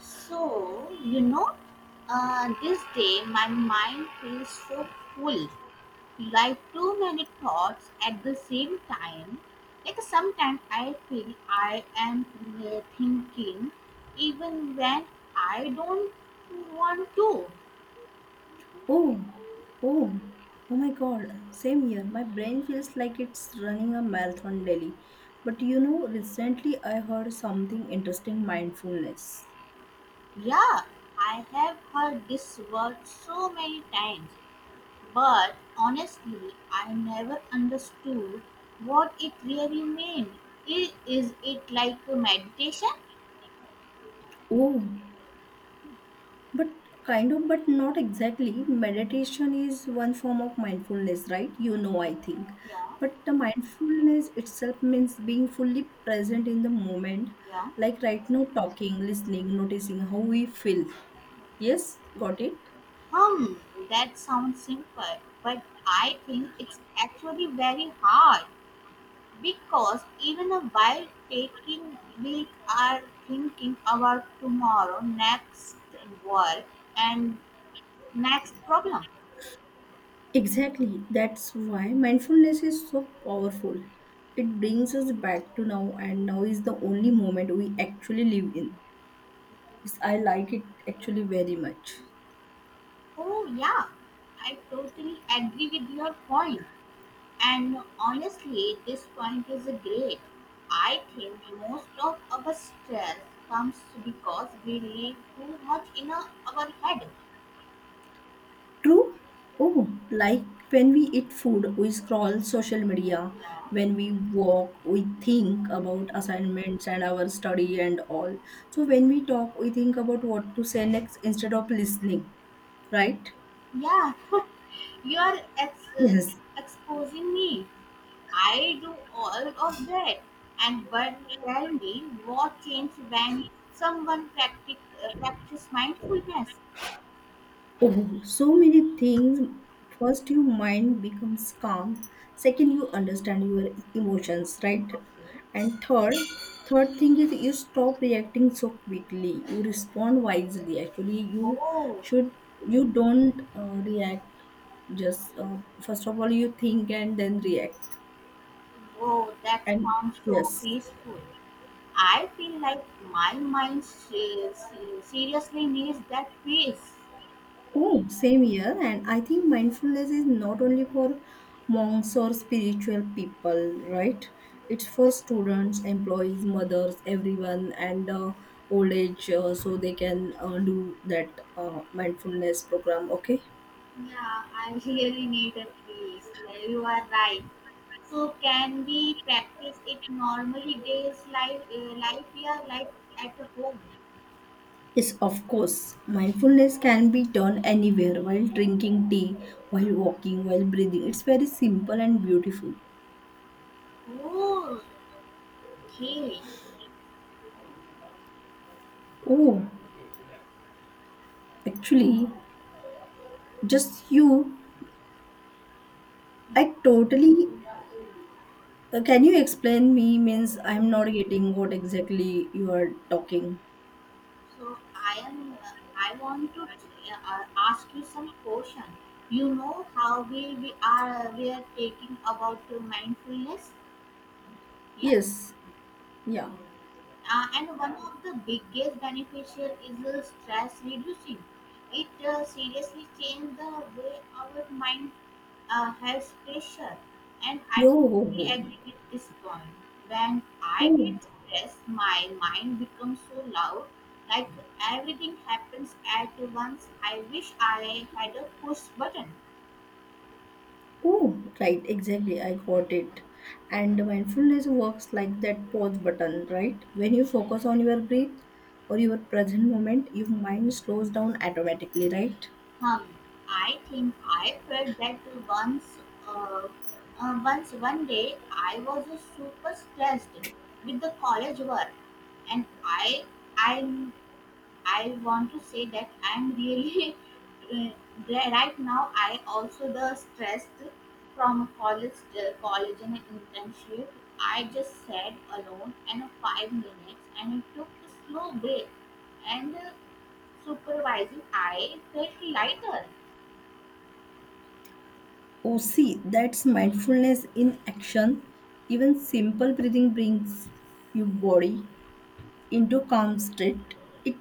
So, this day my mind feels so full, like too many thoughts at the same time. Like sometimes I feel I am thinking even when I don't want to. Oh, oh, oh my God, same here. My brain feels like it's running a marathon daily. But recently I heard something interesting mindfulness. Yeah, I have heard this word so many times, but honestly, I never understood what it really meant. Is it like a meditation? Oh, but kind of, but not exactly. Meditation is one form of mindfulness, right? I think. Yeah, But the mindfulness itself means being fully present in the moment, yeah. like right now, talking, listening, noticing how we feel. Yes, got it? Hmm, that sounds simple, but I think it's actually very hard because even while taking we are thinking about tomorrow, next work, and next problem. Exactly. That's why mindfulness is so powerful. It brings us back to now, and now is the only moment we actually live in. Yes, I like it actually very much. Oh, yeah, I totally agree with your point. And honestly, this point is great. I think most of our stress comes because we live too much in our head. True. Oh, like when we eat food, we scroll social media. Yeah. When we walk, we think about assignments and our study and all. So when we talk, we think about what to say next instead of listening, right? Yeah, you are Yes. exposing me. I do all of that. And but tell me what changed when someone practice mindfulness? Oh, so many things. First, your mind becomes calm. Second, you understand your emotions, right? Okay. And third thing is you stop reacting so quickly. You respond wisely. Actually, Oh, should you don't react. Just first of all, you think and then react. oh, that And sounds so yes, peaceful. I feel like my mind seriously needs that peace. Oh, same here. And I think mindfulness is not only for monks or spiritual people, right? It's for students, employees, mothers, everyone, and old age, so they can do that mindfulness program, okay? Yeah, I really need a peace. Like, you are right. So can we practice it normally days life, yeah, like at the home? Yes, of course. Mindfulness can be done anywhere while drinking tea, while walking, while breathing. It's very simple and beautiful. Oh, okay. Oh, actually, just you. Yeah. I totally Can you explain me? Means I'm not getting what exactly you are talking. So I am. I want to ask you some question. You know how we are taking about mindfulness. Yeah. Yes. Yeah. And one of the biggest beneficial is stress reducing. It seriously changed the way our mind has pressure, and I Yo oh, totally ho. agree with this point. When I Oh, get stressed, my mind becomes so loud, like everything happens at once. I wish I had a push button. oh, right, exactly. I got it. And mindfulness works like that pause button, right? When you focus on your breath or your present moment, your mind slows down automatically, right? Um, I think I felt that once, uh, one day I was super stressed with the college work, and I I want to say that I'm really uh, right now. I also the stressed from college and internship. I just sat alone and 5 minutes and took a slow break and supervising. I felt lighter. Oh, see, that's mindfulness in action. Even simple breathing brings you body into calm state, it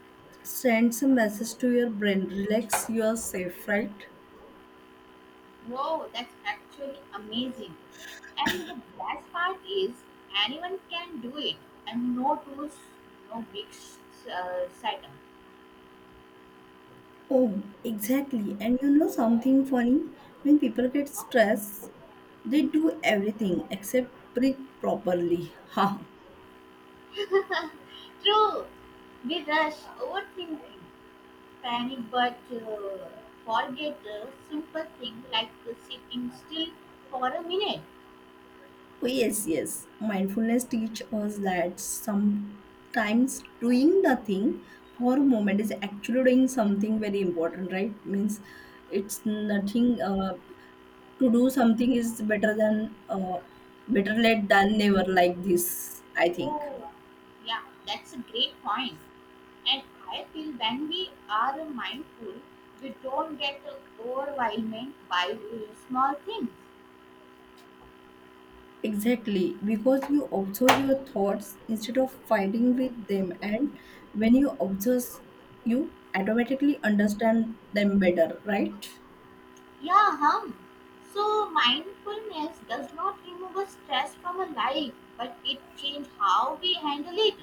sends a message to your brain relax, you are safe, right? Wow, that's actually amazing. And the best part is anyone can do it, and no tools, no big setup. Oh, exactly. And you know something funny? When people get stressed, they do everything except breathe properly. Ha! True, we rush overthinking, panic, but forget a simple thing like sitting still for a minute. Oh, yes, yes. Mindfulness teach us that sometimes doing nothing for a moment is actually doing something very important, right? Means it's nothing. To do something is better than better late than never. Like this, I think. Oh, yeah, that's a great point. And I feel when we are mindful, we don't get overwhelmed by small things. Exactly, because you observe your thoughts instead of fighting with them, and when you observe, you automatically understand them better, right? Yeah, hum. So mindfulness does not remove stress from a life, but it changes how we handle it.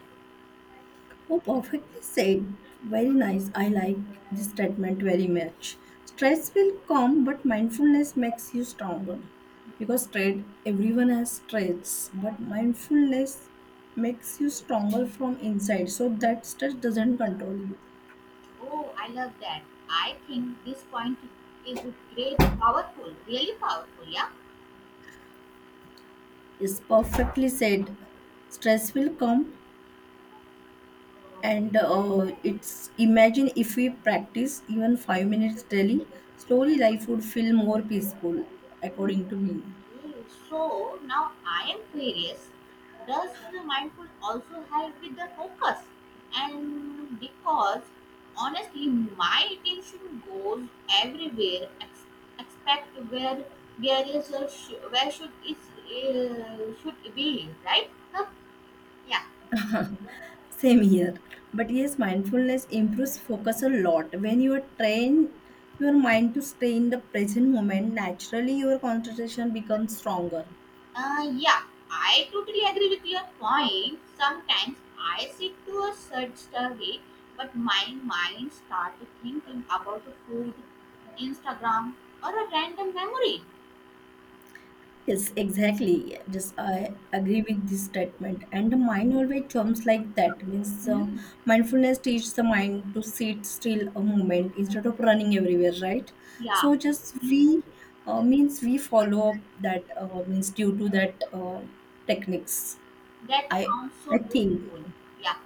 Oh, perfectly said. Very nice. I like this statement very much. Stress will come, but mindfulness makes you stronger. Because stress, everyone has stress, but mindfulness makes you stronger from inside. So that stress doesn't control you. Oh, I love that. I think this point is great, powerful, really powerful, yeah? It's perfectly said. Stress will come, and it's imagine if we practice even 5 minutes daily, slowly Okay, life would feel more peaceful, according to me. so now I am curious, does the mindful also help with the focus? And because honestly, my attention goes everywhere, except where is a where should is should be, right? Huh? Yeah. Same here. But yes, mindfulness improves focus a lot. When you train your mind to stay in the present moment, naturally your concentration becomes stronger. Yeah, I totally agree with your point. Sometimes I sit to a certain survey, but my mind starts thinking about the food, Instagram, or a random memory. Yes, exactly. Just I agree with this statement. And the mind always jumps like that. Means Hmm. mindfulness teaches the mind to sit still a moment instead of running everywhere, right? Yeah, So just we means we follow up that means due to that techniques. that I sounds so I think. beautiful. Yeah,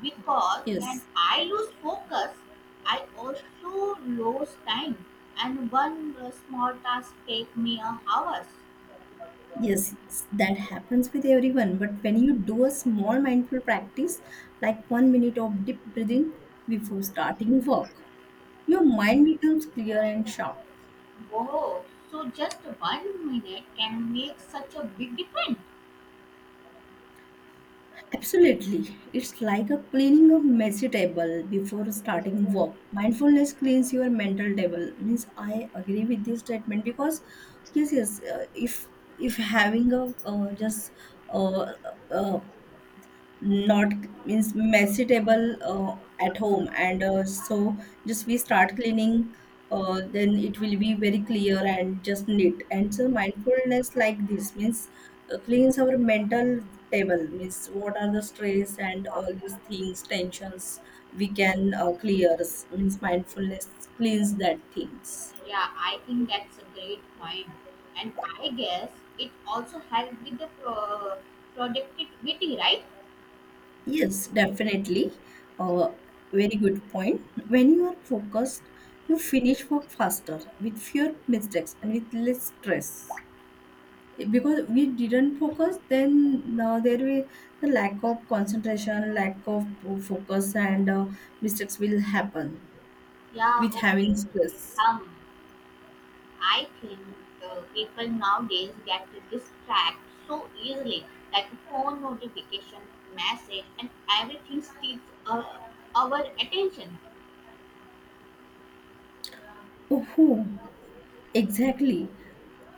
because when Yes, I lose focus, I also lose time, and one small task takes me a hours. yes, yes, that happens with everyone. But when you do a small mindful practice, like 1 minute of deep breathing before starting work, your mind becomes clear and sharp. Wow, so just one minute can make such a big difference. Absolutely. It's like a cleaning a messy table before starting work. Mindfulness cleans your mental table. Means I agree with this statement because yes, yes, if having a just uh, uh, not means messy table at home and so just we start cleaning then it will be very clear and just neat and so mindfulness like this means cleans our mental table means what are the stress and all these things tensions we can clear means mindfulness cleans that things. Yeah, I think that's a great point. And I guess it also helps with the productivity, right? Yes, definitely. Uh, Very good point. When you are focused, you finish work faster with fewer mistakes and with less stress. Because we didn't focus, then now there will the lack of concentration, lack of focus, and mistakes will happen Yeah, with okay, having okay. stress. Um, I think people nowadays get distracted so easily, like phone notification, message, and everything steals our attention. Oh, exactly.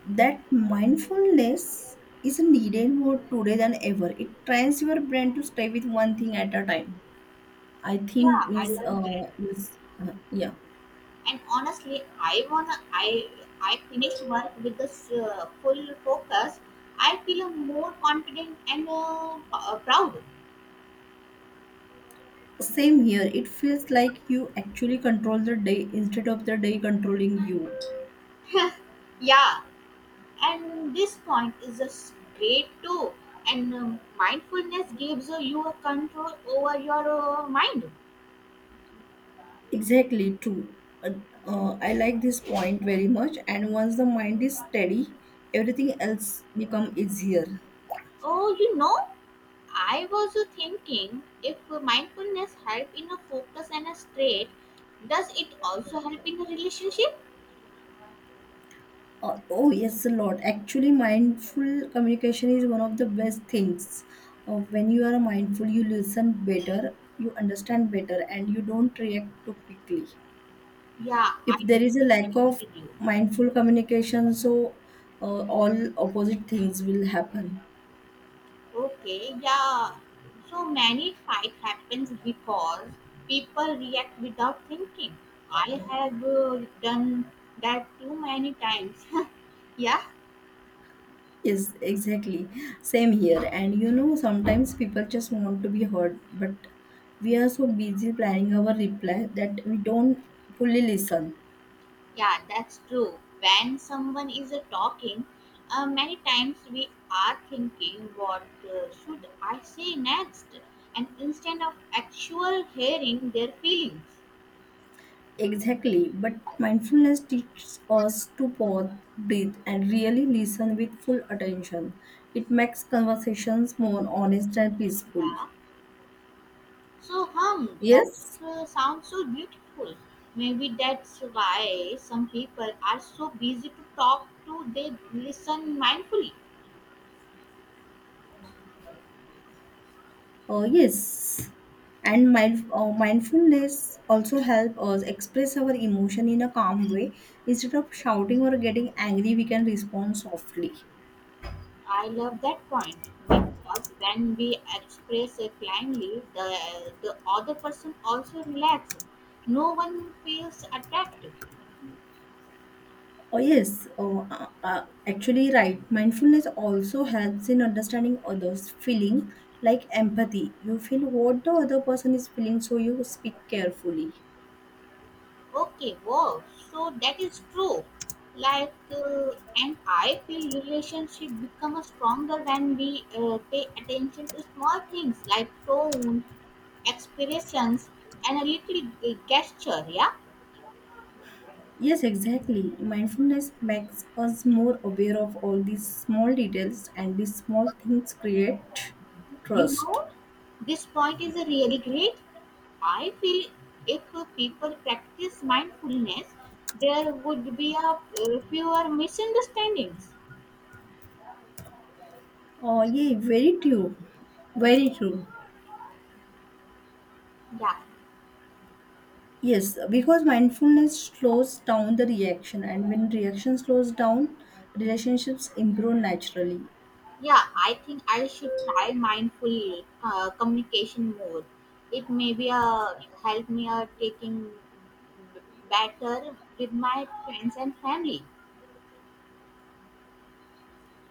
That mindfulness is needed more today than ever. It trains your brain to stay with one thing at a time. I Yeah, think I means love that yeah. And honestly, I wanna I finished work with this full focus. I feel more confident and proud. Same here. It feels like you actually control the day instead of the day controlling you. yeah, and this point is just great too. And mindfulness gives you a control over your mind. Exactly true. Uh, I like this point very much. And once the mind is steady, everything else become easier. Oh, I was thinking if mindfulness help in a focus and a straight, does it also help in a relationship? Oh, yes, a lot. Actually, mindful communication is one of the best things. When you are mindful, you listen better, you understand better, and you don't react too quickly. Yeah, If I there is a totally lack agree of with you. mindful communication, so all opposite things will happen. Okay, yeah. So many fight happens because people react without thinking. I have done that too many times. yeah, Yes, exactly. Same here. And you know, sometimes people just want to be heard, but we are so busy planning our reply that we don't fully listen yeah, that's true. When someone is talking, many times we are thinking, what should I say next? And instead of actual hearing their feelings. exactly. But mindfulness teaches us to pause, breathe, and really listen with full attention. It makes conversations more honest and peaceful. Yeah. So, that Yes. Sounds so beautiful. Maybe that's why some people are so busy to talk to, they listen mindfully. Oh yes, and mindfulness also help us express our emotion in a calm way. Instead of shouting or getting angry, we can respond softly. I love that point because when we express it kindly, the other person also relaxes. No one feels attacked. Oh yes, actually, right. Mindfulness also helps in understanding others' feeling, like empathy. You feel what the other person is feeling, so you speak carefully. Okay, wow. So that is true. Like, and I feel relationship become stronger when we pay attention to small things like tone, expressions, and a little gesture. Yeah, Yes, exactly. Mindfulness makes us more aware of all these small details, and these small things create you trust. know, this point is really great. I feel if people practice mindfulness, there would be a fewer misunderstandings. Oh, yeah, very true. Very true. Yeah, Yes, because mindfulness slows down the reaction, and when reaction slows down, relationships improve naturally. yeah, I think I should try mindful communication more. It may be a help me taking b- better with my friends and family.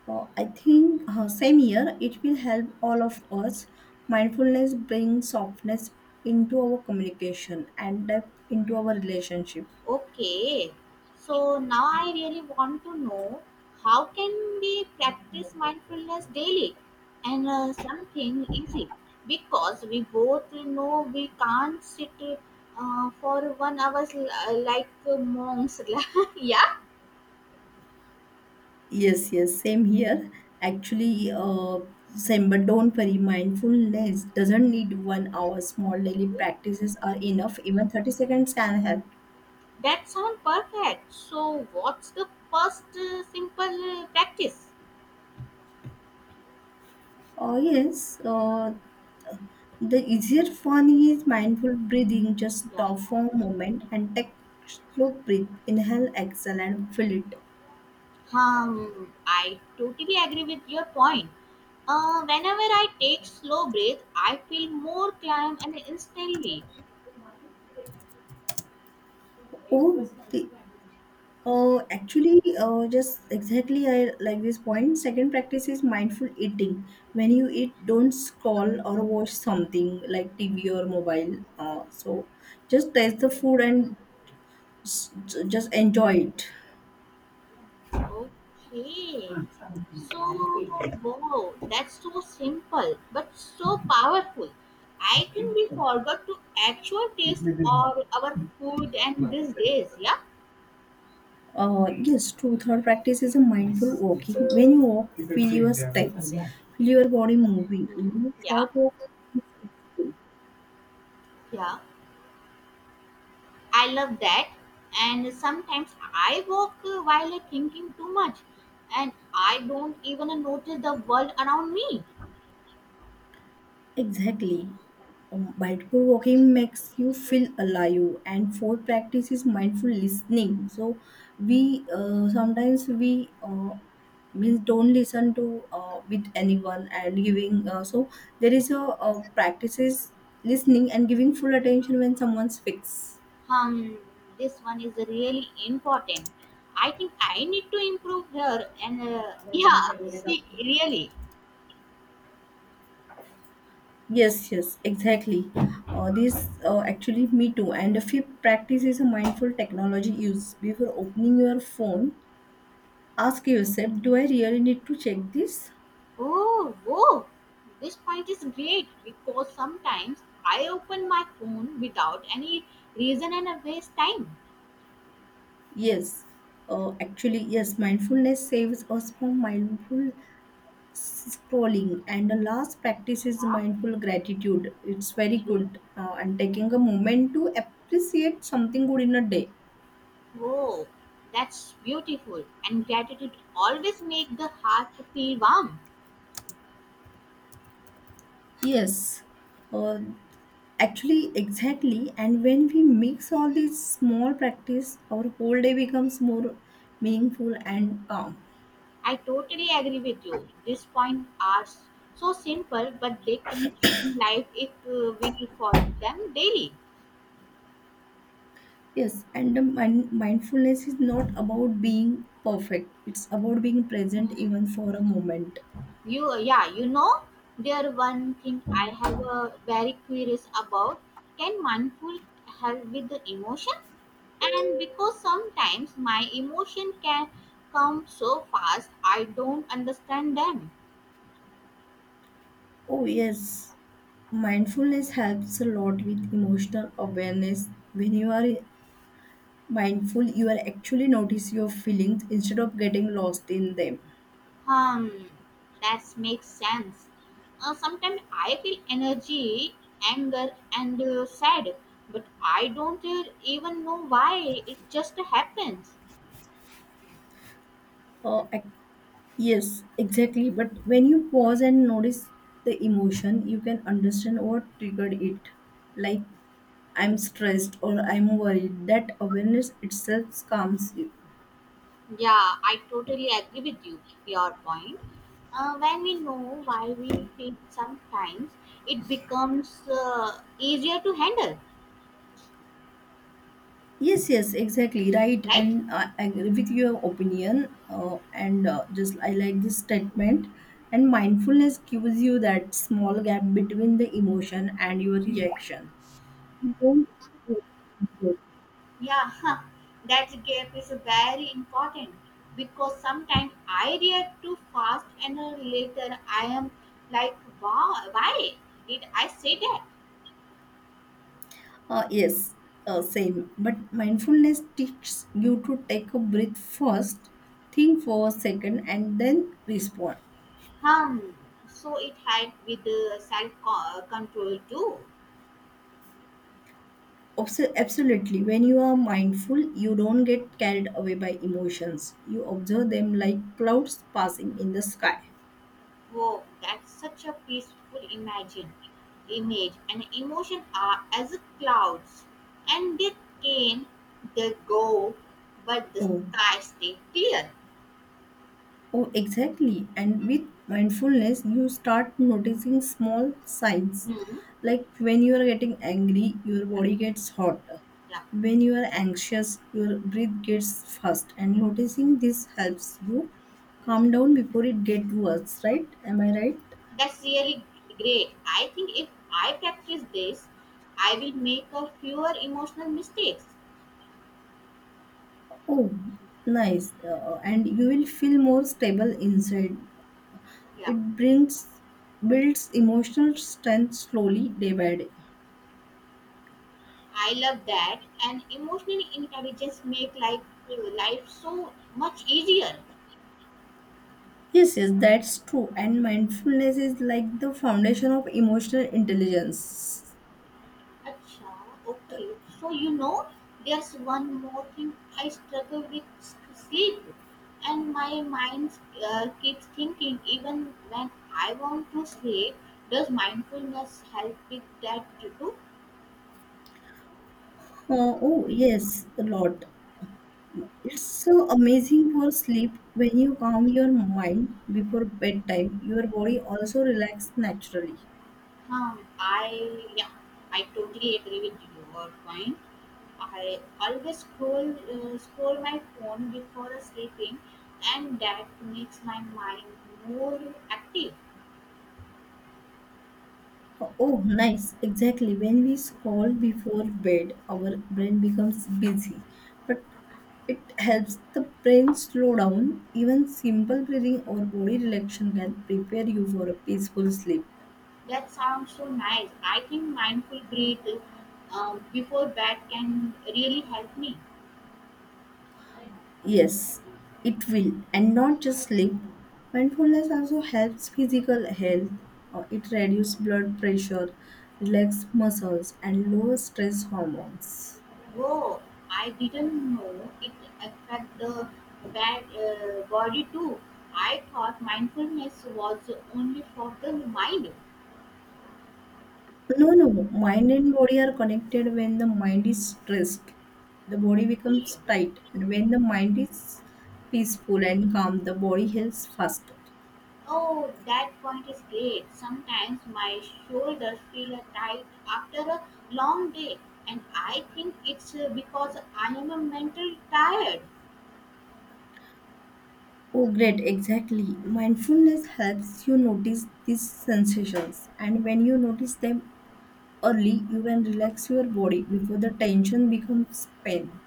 Oh, I think same year it will help all of us. Mindfulness brings softness into our communication and depth into our relationship. Okay, so now I really want to know how can we practice mindfulness daily and something easy, because we both know we can't sit for one hours like monks. yeah. Yes, yes, same here. Actually, same, but don't worry, mindfulness doesn't need 1 hour. Small daily practices are enough. Even 30 seconds can help. That sounds perfect. So, what's the first simple practice? Oh, yes, the easier one is mindful breathing. Just Yeah. stop for a moment and take slow breath. Inhale, exhale, and fill it. I totally agree with your point. Whenever I take slow breath, I feel more calm and instantly. Oh, the Actually, just exactly, I like this point. Second practice is mindful eating. When you eat, don't scroll or watch something like TV or mobile. So just taste the food and s- just enjoy it. Okay. So, wow, that's so simple but so powerful. I think we forgot to actual taste all our food and these days. Yeah, Yes, true. Third practice is a mindful walking. When you walk, feel your steps, feel your body moving. You know, yeah, short walk. yeah. I love that. And sometimes I walk while I thinking too much and I don't even notice the world around me. Exactly. Mindful walking makes you feel alive, and fourth practice is mindful listening. So we sometimes we means don't listen to with anyone and giving. So there is a practices listening and giving full attention when someone speaks. Um, this one is really important. I think I need to improve here and yeah, see, really. Yes, yes, exactly. This actually me too. And the fifth practice is a mindful technology use. Before opening your phone, ask yourself, do I really need to check this? Oh, whoa, this point is great because sometimes I open my phone without any reason and I waste time. Yes, actually, yes, mindfulness saves us from mindful scrolling. And the last practice is Yeah, mindful gratitude. It's very okay. good, and taking a moment to appreciate something good in a day. Oh, that's beautiful. And gratitude always make the heart feel warm. Yes, uh, actually exactly, and when we mix all these small practice, our whole day becomes more meaningful and calm. I totally agree with you. These points are so simple, but they can change life if we follow them daily. Yes, and the mindfulness is not about being perfect, it's about being present even for a moment. Yeah, there one thing I have very curious about. Can mindful help with the emotion? And because sometimes my emotion can come so fast, I don't understand them. Oh, yes, mindfulness helps a lot with emotional awareness. When you are mindful, you are actually notice your feelings instead of getting lost in them. Um, that makes sense. Sometimes I feel energy, anger, and sad, but I don't even know why. It just happens. Uh, ac- Yes, exactly. But when you pause and notice the emotion, you can understand what triggered it. Like, I'm stressed or I'm worried. That awareness itself calms you. Yeah, I totally agree with you. Your point. When we know why we feel sometimes, it becomes easier to handle, Yes, yes, exactly. Right. right? And I agree with your opinion. And just I like this statement. And mindfulness gives you that small gap between the emotion and your reaction. Yeah, that gap is very important because sometimes I react too fast and later I am like, wow, why did I say that? Yes, same. But mindfulness teaches you to take a breath first, think for a second, and then respond. Hmm. So it helped with the self control too. Absolutely. When you are mindful, you don't get carried away by emotions. You observe them like clouds passing in the sky. Wow, that's such a peaceful image, and emotion are as clouds, and they came, they go, but the Oh, sky stay clear. oh, exactly. And with mindfulness, you start noticing small signs. Hmm. Like when you are getting angry, your Yeah, body gets hot. yeah, When you are anxious, your breath gets fast. And yeah. noticing this helps you calm Yeah. down before it gets worse, right? Am I right? That's really great. I think if I practice this, I will make a fewer emotional mistakes. Oh, nice. And you will feel more stable inside. Yeah, It brings builds emotional strength slowly day by day. I love that. And emotional intelligence make like life so much easier. Yes, yes, that's true. And mindfulness is like the foundation of emotional intelligence. Acha, okay. So there's one more thing I struggle with sleep, and my mind keeps thinking even when I want to sleep. Does mindfulness help with that too? Oh, yes, a lot. It's so amazing for sleep when you calm your mind before bedtime. Your body also relaxes naturally. I Yeah, I totally agree with your point. I always scroll my phone before sleeping, and that makes my mind more active. Oh, oh, nice. Exactly. When we scroll before bed, our brain becomes busy. But it helps the brain slow down. Even simple breathing or body relaxation can prepare you for a peaceful sleep. That sounds so nice. I think mindful breath before bed can really help me. Yes, it will, and not just sleep. Mindfulness also helps physical health. It reduces blood pressure, relaxes muscles, and lowers stress hormones. Whoa! I didn't know it affect the bad body too. I thought mindfulness was only for the mind. No, no, mind and body are connected. When the mind is stressed, the body becomes tight, and when the mind is peaceful and calm, the body heals faster. Oh, that point is great. Sometimes my shoulders feel tight after a long day, and I think it's because I am a mental tired. Oh, great, exactly. Mindfulness helps you notice these sensations, and when you notice them, early, you can relax your body before the tension becomes pain.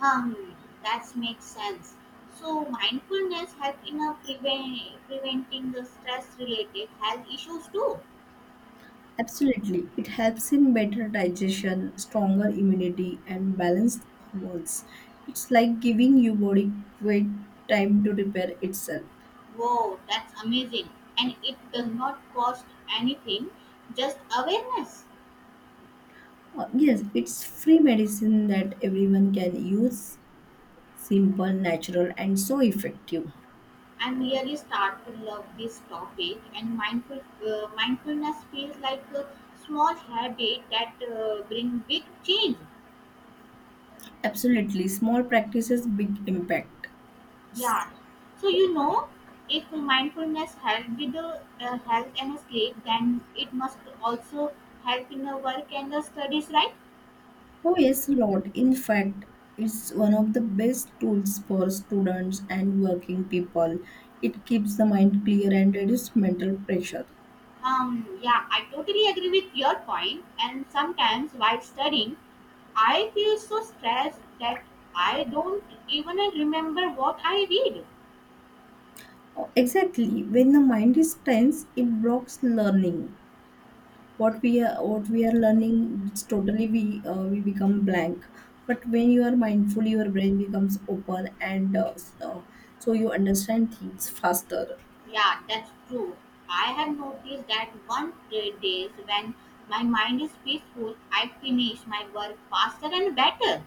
Hmm, that makes sense. So mindfulness helps in a preventing the stress-related health issues too. Absolutely, it helps in better digestion, stronger immunity, and balanced hormones. It's like giving your body weight time to repair itself. Wow, that's amazing, and it does not cost anything, just awareness. Yes, it's free medicine that everyone can use, simple, natural, and so effective. And really start to love this topic, and mindfulness feels like a small habit that bring big change. Absolutely, small practices, big impact. Yeah, so if mindfulness help with the health and sleep, then it must also help in the work and the studies, right? Oh, yes, a lot. In fact, it's one of the best tools for students and working people. It keeps the mind clear and reduces mental pressure. Yeah, I totally agree with your point. And sometimes while studying, I feel so stressed that I don't even remember what I read. Oh, exactly. When the mind is tense, it blocks learning. What we are learning, it's totally we become blank. But when you are mindful, your brain becomes open, and so you understand things faster. Yeah, that's true. I have noticed that one great days when my mind is peaceful, I finish my work faster and better.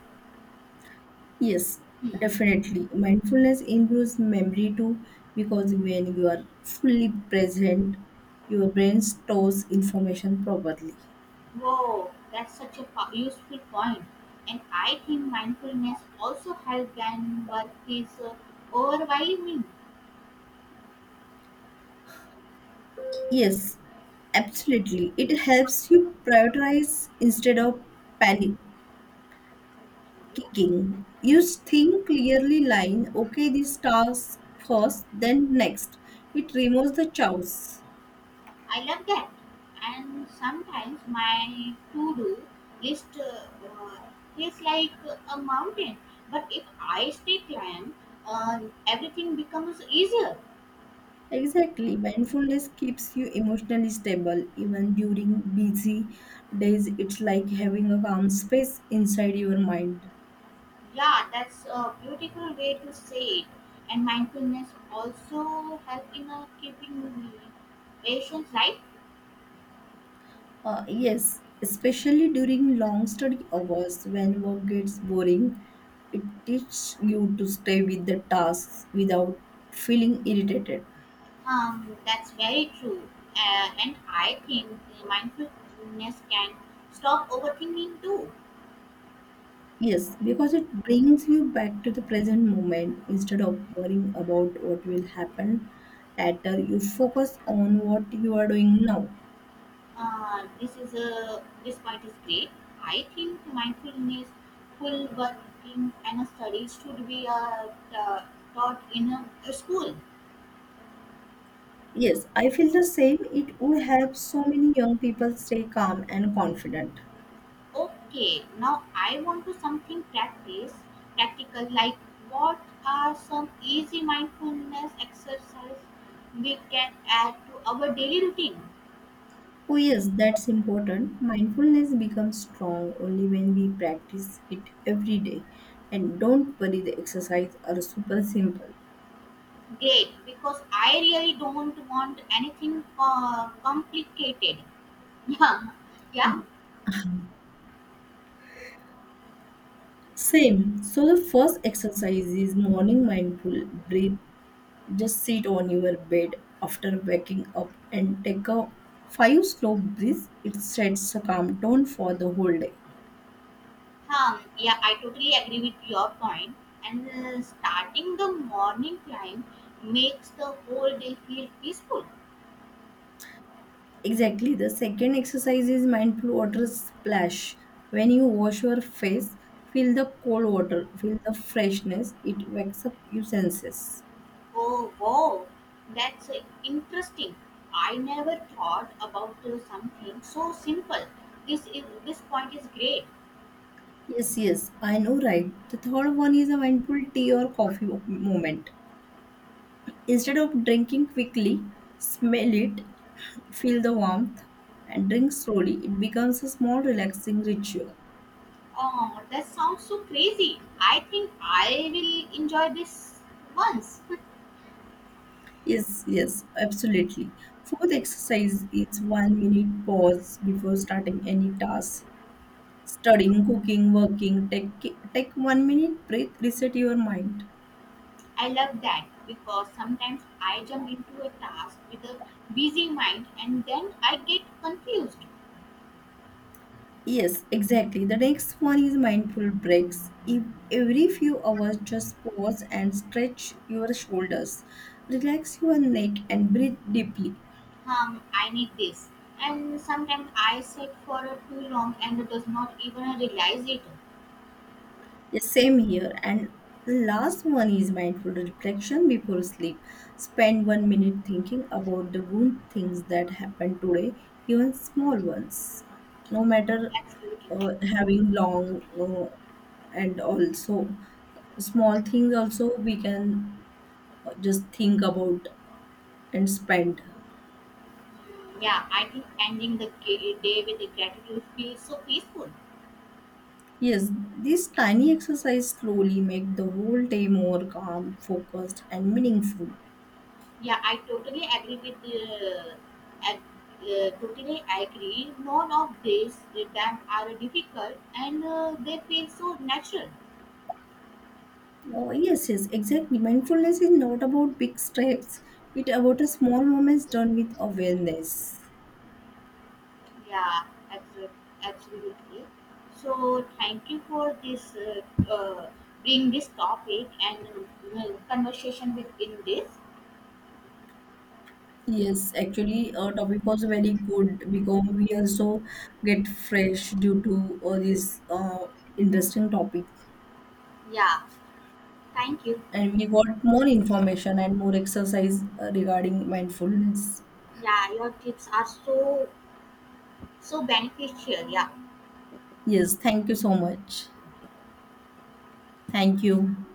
Yes, Hmm. definitely. Mindfulness improves memory too because when you are fully present, your brain stores information properly. Whoa, that's such a useful point. And I think mindfulness also helps when work is overwhelming. Yes, absolutely. It helps you prioritize instead of panicking. Yeah, You think clearly, line, okay, this task first, then next. It removes the chaos. I love that. And sometimes my to-do list feels like a mountain, but if I stay calm, uh, everything becomes easier. Exactly. Mindfulness keeps you emotionally stable even during busy days. It's like having a calm space inside your mind. Yeah, that's a beautiful way to say it. And mindfulness also help in keeping the patients, right. Yes, especially during long study hours when work gets boring, it teaches you to stay with the tasks without feeling irritated. That's very true. And I think the mindfulness can stop overthinking too. Yes, because it brings you back to the present moment instead of worrying about what will happen later. You focus on what you are doing now. This point is great. I think mindfulness, full working and studies should be taught in a school. Yes, I feel the same. It would help so many young people stay calm and confident. Okay, now I want to something practical. Like, what are some easy mindfulness exercise we can add to our daily routine? Oh, yes, that's important. Mindfulness becomes strong only when we practice it every day. And don't worry, the exercise are super simple. Great, because I really don't want anything complicated. Yeah, yeah, Same. So, the first exercise is morning mindful breathe. Just sit on your bed after waking up and take a five slow breaths. It sets a calm tone for the whole day. Yeah. I totally agree with your point. And starting the morning climb makes the whole day feel peaceful. Exactly. The second exercise is mindful water splash. When you wash your face, feel the cold water, feel the freshness. It wakes up your senses. Oh wow, that's interesting. I never thought about something so simple. This point is great. Yes, yes, I know, right? The third one is a mindful tea or coffee moment. Instead of drinking quickly, smell it, feel the warmth, and drink slowly. It becomes a small relaxing ritual. Oh, that sounds so crazy. I think I will enjoy this once. Yes, yes, absolutely. Fourth exercise is 1 minute pause before starting any task. Studying, cooking, working, take 1 minute breath, reset your mind. I love that because sometimes I jump into a task with a busy mind and then I get confused. Yes, exactly. The next one is mindful breaks. If every few hours, just pause and stretch your shoulders, relax your neck, and breathe deeply. I need this, and sometimes I sit for too long and does not even realize it. Yeah, same here. And last one is mindful reflection before sleep. Spend 1 minute thinking about the good things that happened today, even small ones. No matter That's beautiful. uh, having long and also small things, also we can just think about and spend. Yeah, I think ending the day with the gratitude feels so peaceful. Yes, these tiny exercise slowly make the whole day more calm, focused, and meaningful. Yeah, I totally agree with the. Ag- totally agree. None of these times are difficult, and they feel so natural. Oh, yes, yes, exactly. Mindfulness is not about big steps. It's about a small moments done with awareness. Yeah, abso- absolutely. So thank you for this. Uh, bring this topic and conversation within this. Yes, actually, our topic was very good because we also get fresh due to this interesting topic, Yeah, thank you. and we got more information and more exercise regarding mindfulness. Yeah, your tips are so beneficial. Yeah. Yes, thank you so much. Thank you.